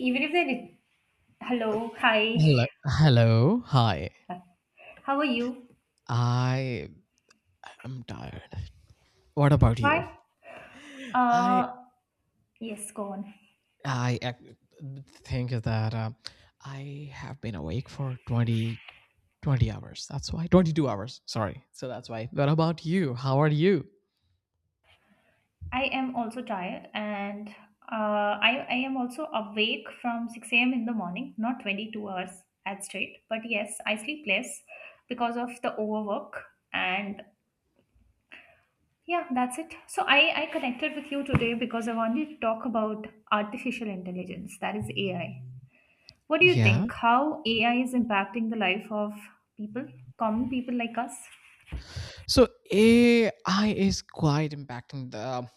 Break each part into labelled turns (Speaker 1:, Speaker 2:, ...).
Speaker 1: Even if they did. Hello. Hi.
Speaker 2: Hello. Hello. Hi.
Speaker 1: How are you?
Speaker 2: I am tired. What about you?
Speaker 1: Why?
Speaker 2: I
Speaker 1: uh yes, go on.
Speaker 2: I ac- think that I have been awake for 20, 20 hours. That's why 22 hours. Sorry. So that's why. What about you? How are you?
Speaker 1: I am also tired. And uh i I am also awake from 6 a.m in the morning, not 22 hours at straight, but yes, I sleep less because of the overwork. And yeah, that's it. So I connected with you today because I wanted to talk about artificial intelligence, that is AI. What do you
Speaker 2: Yeah.
Speaker 1: think, how AI is impacting the life of people, common people like us?
Speaker 2: So AI is quite impacting the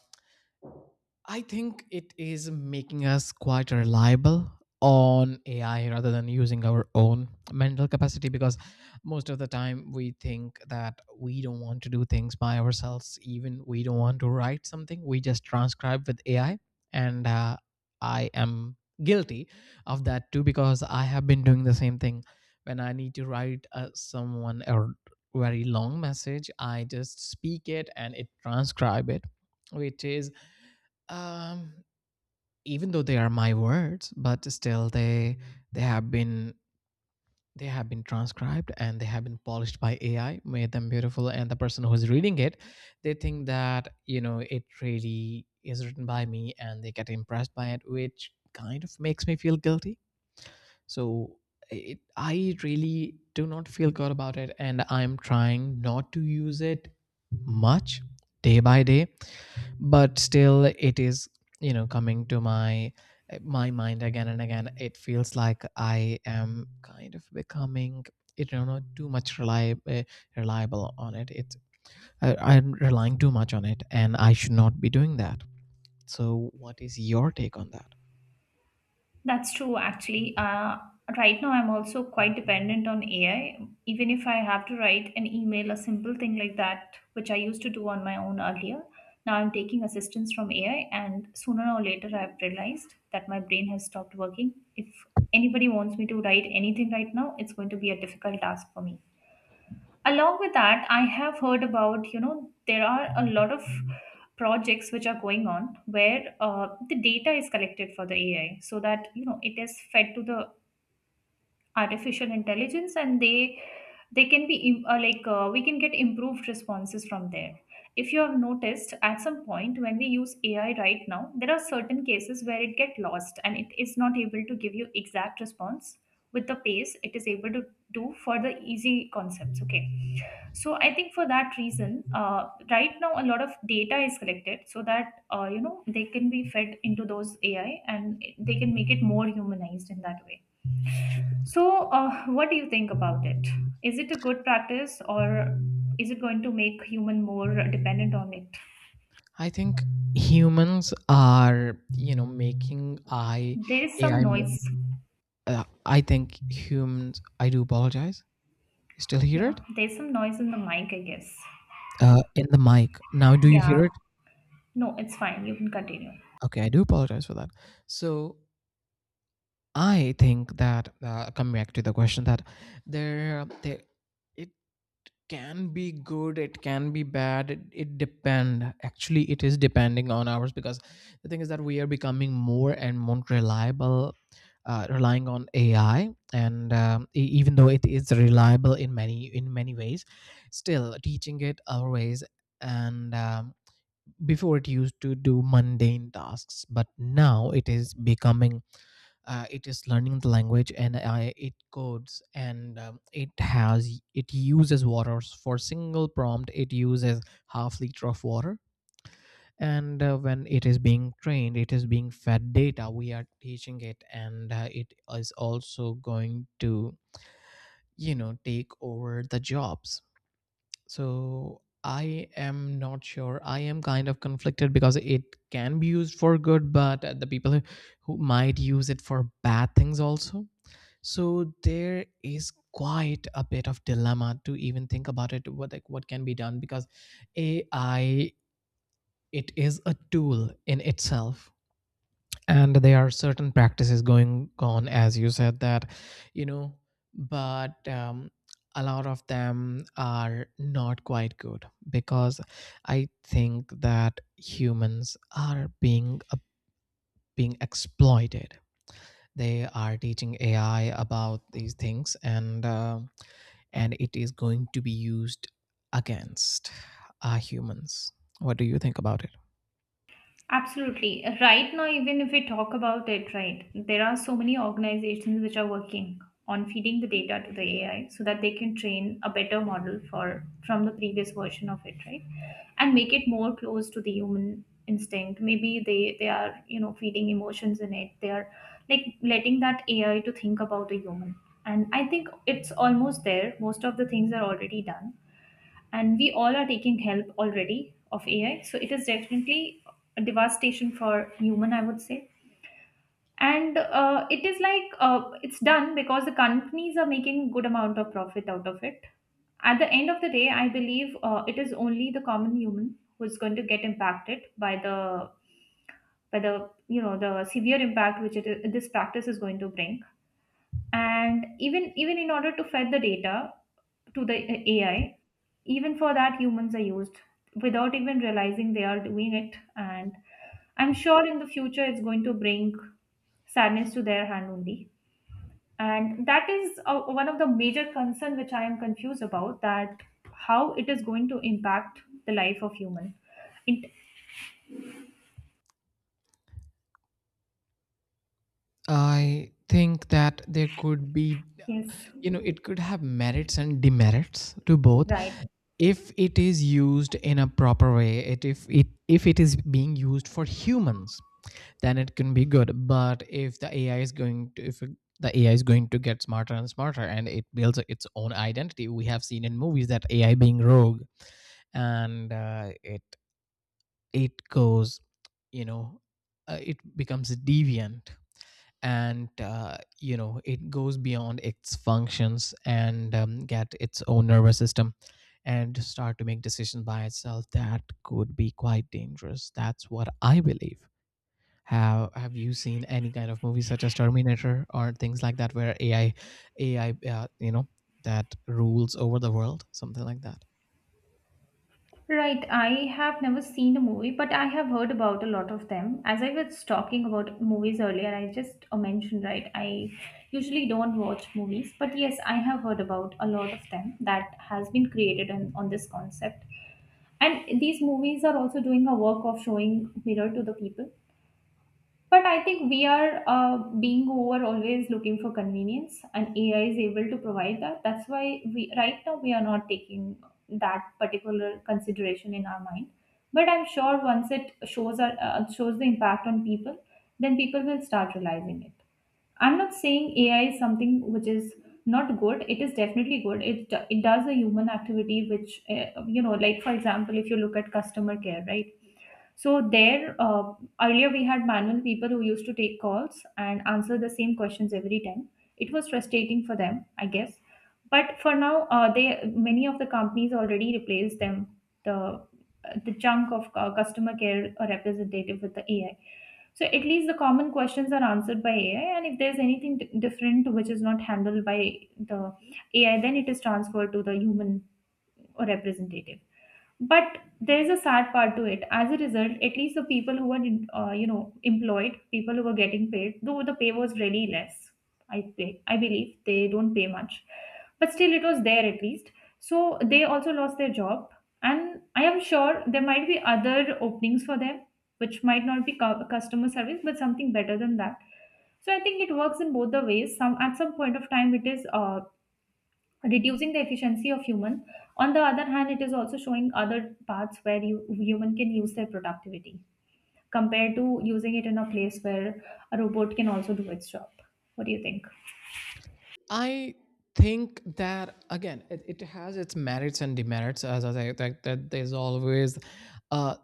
Speaker 2: I think it is making us quite reliable on AI rather than using our own mental capacity because most of the time we think that we don't want to do things by ourselves, even we don't want to write something, we just transcribe with AI. And I am guilty of that too because I have been doing the same thing when I need to write someone a very long message, I just speak it and it transcribe it which is um even though they are my words but still they have been they have been transcribed and they have been polished by AI, made them beautiful, and the person who is reading it, they think that you know it really is written by me and they get impressed by it, which kind of makes me feel guilty. So it, I really do not feel good about it and I'm trying not to use it much day by day, but still it is you know coming to my mind again and again. It feels like I am kind of becoming it, you know, too much reliable, on it. I'm relying too much on it and I should not be doing that. So what is your take on that?
Speaker 1: That's true, actually. Right now, I'm also quite dependent on AI. Even if I have to write an email, a simple thing like that, which I used to do on my own earlier, now I'm taking assistance from AI. And sooner or later, I've realized that my brain has stopped working. If anybody wants me to write anything right now, it's going to be a difficult task for me. Along with that, I have heard about, there are a lot of projects which are going on where the data is collected for the AI so that it is fed to the artificial intelligence, and they can be like we can get improved responses from there. If you have noticed, at some point, when we use AI right now, there are certain cases where it get lost and it is not able to give you exact response with the pace it is able to do for the easy concepts. Okay, so I think for that reason, right now a lot of data is collected so that, they can be fed into those AI and they can make it more humanized in that way. So what do you think about it? Is it a good practice, or is it going to make human more dependent on it?
Speaker 2: I think humans are you know making I
Speaker 1: There is some
Speaker 2: ai mo-
Speaker 1: noise.
Speaker 2: I think humans, I do apologize. You still hear
Speaker 1: Yeah,
Speaker 2: it?
Speaker 1: there's some noise in the mic, I guess.
Speaker 2: In the mic now, do you
Speaker 1: Yeah,
Speaker 2: hear it?
Speaker 1: no, it's fine, you can continue.
Speaker 2: Okay, I do apologize for that. So I think that coming back to the question that there, there, it can be good, it can be bad. It depend. Actually, it is depending on ours because the thing is that we are becoming more and more reliable, relying on AI. And even though it is reliable in many ways, still teaching it our ways, and before it used to do mundane tasks but now it is becoming, it is learning the language and I, it codes, and it has it uses waters for single prompt, it uses ½ liter of water. And when it is being trained, it is being fed data. We are teaching it, and it is also going to, you know, take over the jobs. So I am not sure. I am kind of conflicted because it can be used for good, but the people who might use it for bad things also. So there is quite a bit of dilemma to even think about it. What, like what can be done, because AI, it is a tool in itself, and there are certain practices going on as you said, that you know, but a lot of them are not quite good because I think that humans are being being exploited. They are teaching AI about these things, and it is going to be used against, humans. What do you think about it?
Speaker 1: Absolutely. Right now, even if we talk about it, right, there are so many organizations which are working on feeding the data to the AI so that they can train a better model for from the previous version of it, right? And make it more close to the human instinct. Maybe they are, feeding emotions in it. They are like letting that AI to think about a human. And I think it's almost there. Most of the things are already done, and we all are taking help already of AI. So it is definitely a devastation for human, I would say. And it is like it's done because the companies are making good amount of profit out of it. At the end of the day, I believe it is only the common human who is going to get impacted by the the severe impact which this practice is going to bring. And even in order to fed the data, to the AI. Even for that, humans are used without even realizing they are doing it. And I'm sure in the future it's going to bring sadness to their hand only. And that is one of the major concern which I am confused about, that how it is going to impact the life of human. It,
Speaker 2: I think that there could be,
Speaker 1: yes,
Speaker 2: you know, it could have merits and demerits to both.
Speaker 1: right.
Speaker 2: If it is used in a proper way, if it is being used for humans, then it can be good. But if the AI is going to, if the AI is going to get smarter and smarter, and it builds its own identity, we have seen in movies that AI being rogue, and it it goes, you know, it becomes deviant, and you know, it goes beyond its functions, and get its own nervous system, and start to make decisions by itself, that could be quite dangerous. That's what I believe. Have you seen any kind of movies such as Terminator or things like that where you know, that rules over the world, something like that?
Speaker 1: Right, I have never seen a movie, but I have heard about a lot of them. As I was talking about movies earlier, I just mentioned, right, I usually don't watch movies, but yes, I have heard about a lot of them that has been created on this concept. And these movies are also doing a work of showing mirror to the people, but I think we are being over always looking for convenience, and AI is able to provide that. That's why we right now we are not taking that particular consideration in our mind. But I'm sure once it shows our, shows the impact on people, then people will start realizing it. I'm not saying AI is something which is not good. It is definitely good. It does a human activity which you know, like for example, if you look at customer care, right? So there, earlier we had manual people who used to take calls and answer the same questions every time. It was frustrating for them, I guess. But for now, they, many of the companies already replaced them, the the chunk of customer care representative with the AI. So at least the common questions are answered by AI, and if there's anything different which is not handled by the AI, then it is transferred to the human representative. But there's a sad part to it. As a result, at least the people who were employed, people who were getting paid, though the pay was really less. I believe they don't pay much, but still it was there at least. So they also lost their job, and I am sure there might be other openings for them, which might not be customer service, but something better than that. So I think it works in both the ways. Some At some point of time, it is reducing the efficiency of human. On the other hand, it is also showing other paths where you, human, can use their productivity, compared to using it in a place where a robot can also do its job. What do you think?
Speaker 2: I think that again, it has its merits and demerits. As I say, that there's always uh,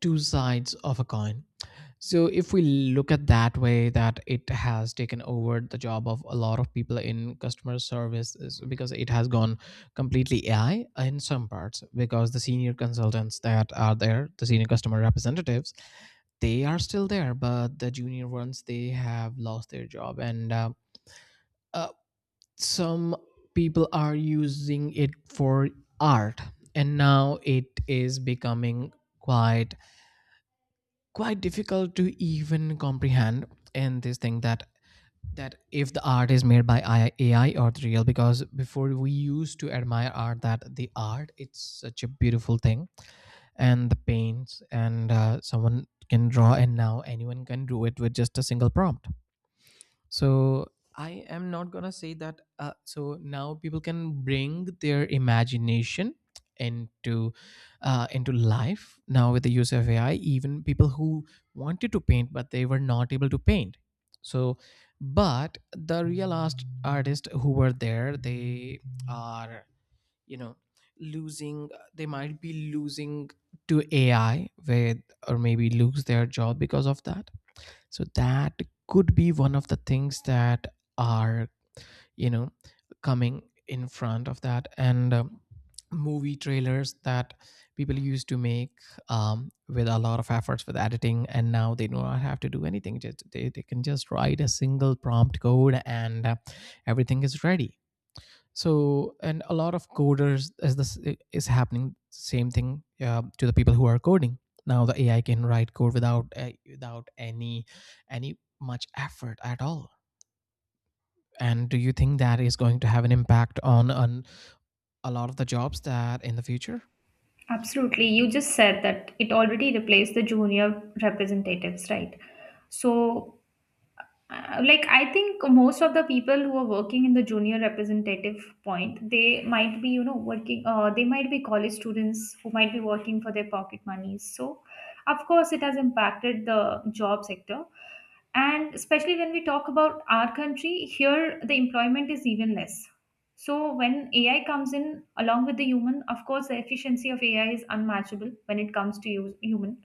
Speaker 2: two sides of a coin. So if we look at that way, that it has taken over the job of a lot of people in customer service is because it has gone completely AI in some parts. Because the senior consultants that are there, the senior customer representatives, they are still there, but the junior ones they have lost their job and. Uh, some people are using it for art, and now it is becoming quite quite difficult to even comprehend, and this thing that that if the art is made by AI or the real, because before we used to admire art, that the art, it's such a beautiful thing, and the paints, and someone can draw, and now anyone can do it with just a single prompt. So I am not gonna say that. So now people can bring their imagination into, into life now with the use of AI. Even people who wanted to paint but they were not able to paint. So, but the real artists who were there, they are you know losing. They might be losing to AI with, or maybe lose their job because of that. So that could be one of the things that are you know coming in front of that, and movie trailers that people used to make, with a lot of efforts with editing, and now they do not have to do anything. They can just write a single prompt code, and everything is ready. So, and a lot of coders, as this is happening, same thing to the people who are coding. Now the AI can write code without without any much effort at all. And do you think that is going to have an impact on a lot of the jobs that in the future?
Speaker 1: Absolutely. You just said that it already replaced the junior representatives, right? So like, I think most of the people who are working in the junior representative point, they might be, working, they might be college students who might be working for their pocket monies. So of course it has impacted the job sector. And especially when we talk about our country here, the employment is even less. So when AI comes in along with the human, of course the efficiency of AI is unmatchable when it comes to use human.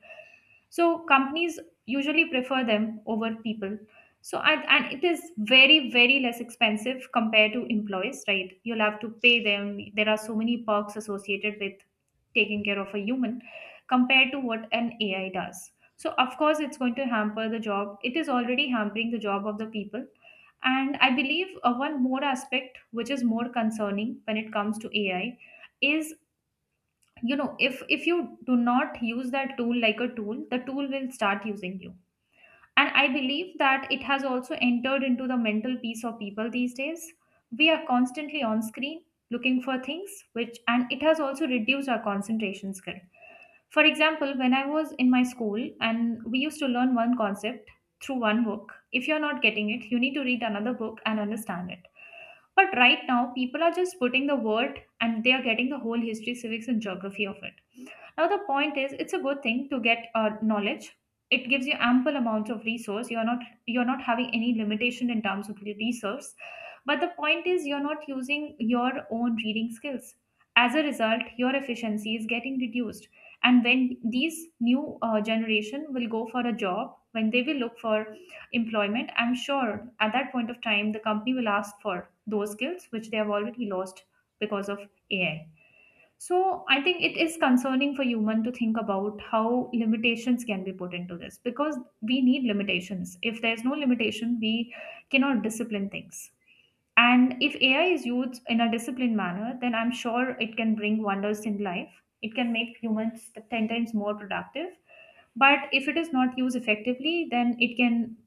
Speaker 1: So companies usually prefer them over people. So, and it is very, very less expensive compared to employees, right? You'll have to pay them. There are so many perks associated with taking care of a human compared to what an AI does. So, of course, it's going to hamper the job. It is already hampering the job of the people. And I believe one more aspect which is more concerning when it comes to AI is, if you do not use that tool like a tool, the tool will start using you. And I believe that it has also entered into the mental peace of people these days. We are constantly on screen looking for things, which, and it has also reduced our concentration skill. For example, when I was in my school and we used to learn one concept through one book, if you're not getting it, you need to read another book and understand it. But right now, people are just putting the word and they are getting the whole history, civics, and geography of it. Now, the point is, it's a good thing to get knowledge. It gives you ample amounts of resource. You're not having any limitation in terms of your resource. But the point is, you're not using your own reading skills. As a result, your efficiency is getting reduced. And when these new generation will go for a job, when they will look for employment, I'm sure at that point of time the company will ask for those skills which they have already lost because of AI. So I think it is concerning for human to think about how limitations can be put into this, because we need limitations. If there's no limitation, we cannot discipline things. And if AI is used in a disciplined manner, then I'm sure it can bring wonders in life. It can make humans 10 times more productive. But if it is not used effectively, then it can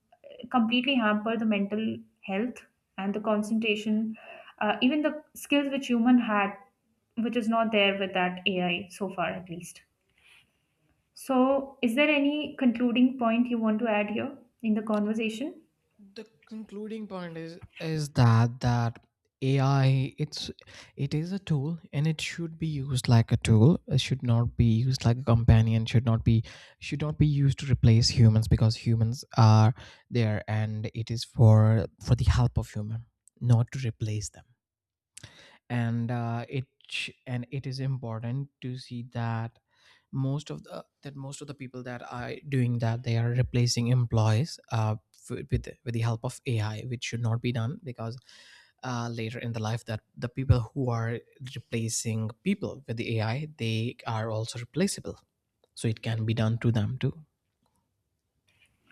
Speaker 1: completely hamper the mental health and the concentration, even the skills which human had, which is not there with that AI so far at least. So, is there any concluding point you want to add here in the conversation?
Speaker 2: The concluding point is that AI, it is a tool and it should be used like a tool. It should not be used like a companion. Should not be used to replace humans because humans are there and it is for the help of human, not to replace them. And and it is important to see that most of the people that are doing that, they are replacing employees with the help of AI, which should not be done, because later in the life, that the people who are replacing people with the AI, they are also replaceable, so it can be done to them too.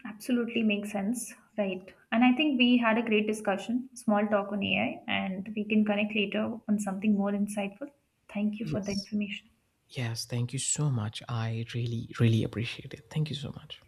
Speaker 1: Absolutely makes sense, right? And I think we had a great discussion, small talk on AI, and we can connect later on something more insightful. Thank you for the
Speaker 2: Yes.
Speaker 1: information.
Speaker 2: Yes, thank you so much. I really appreciate it. Thank you so much.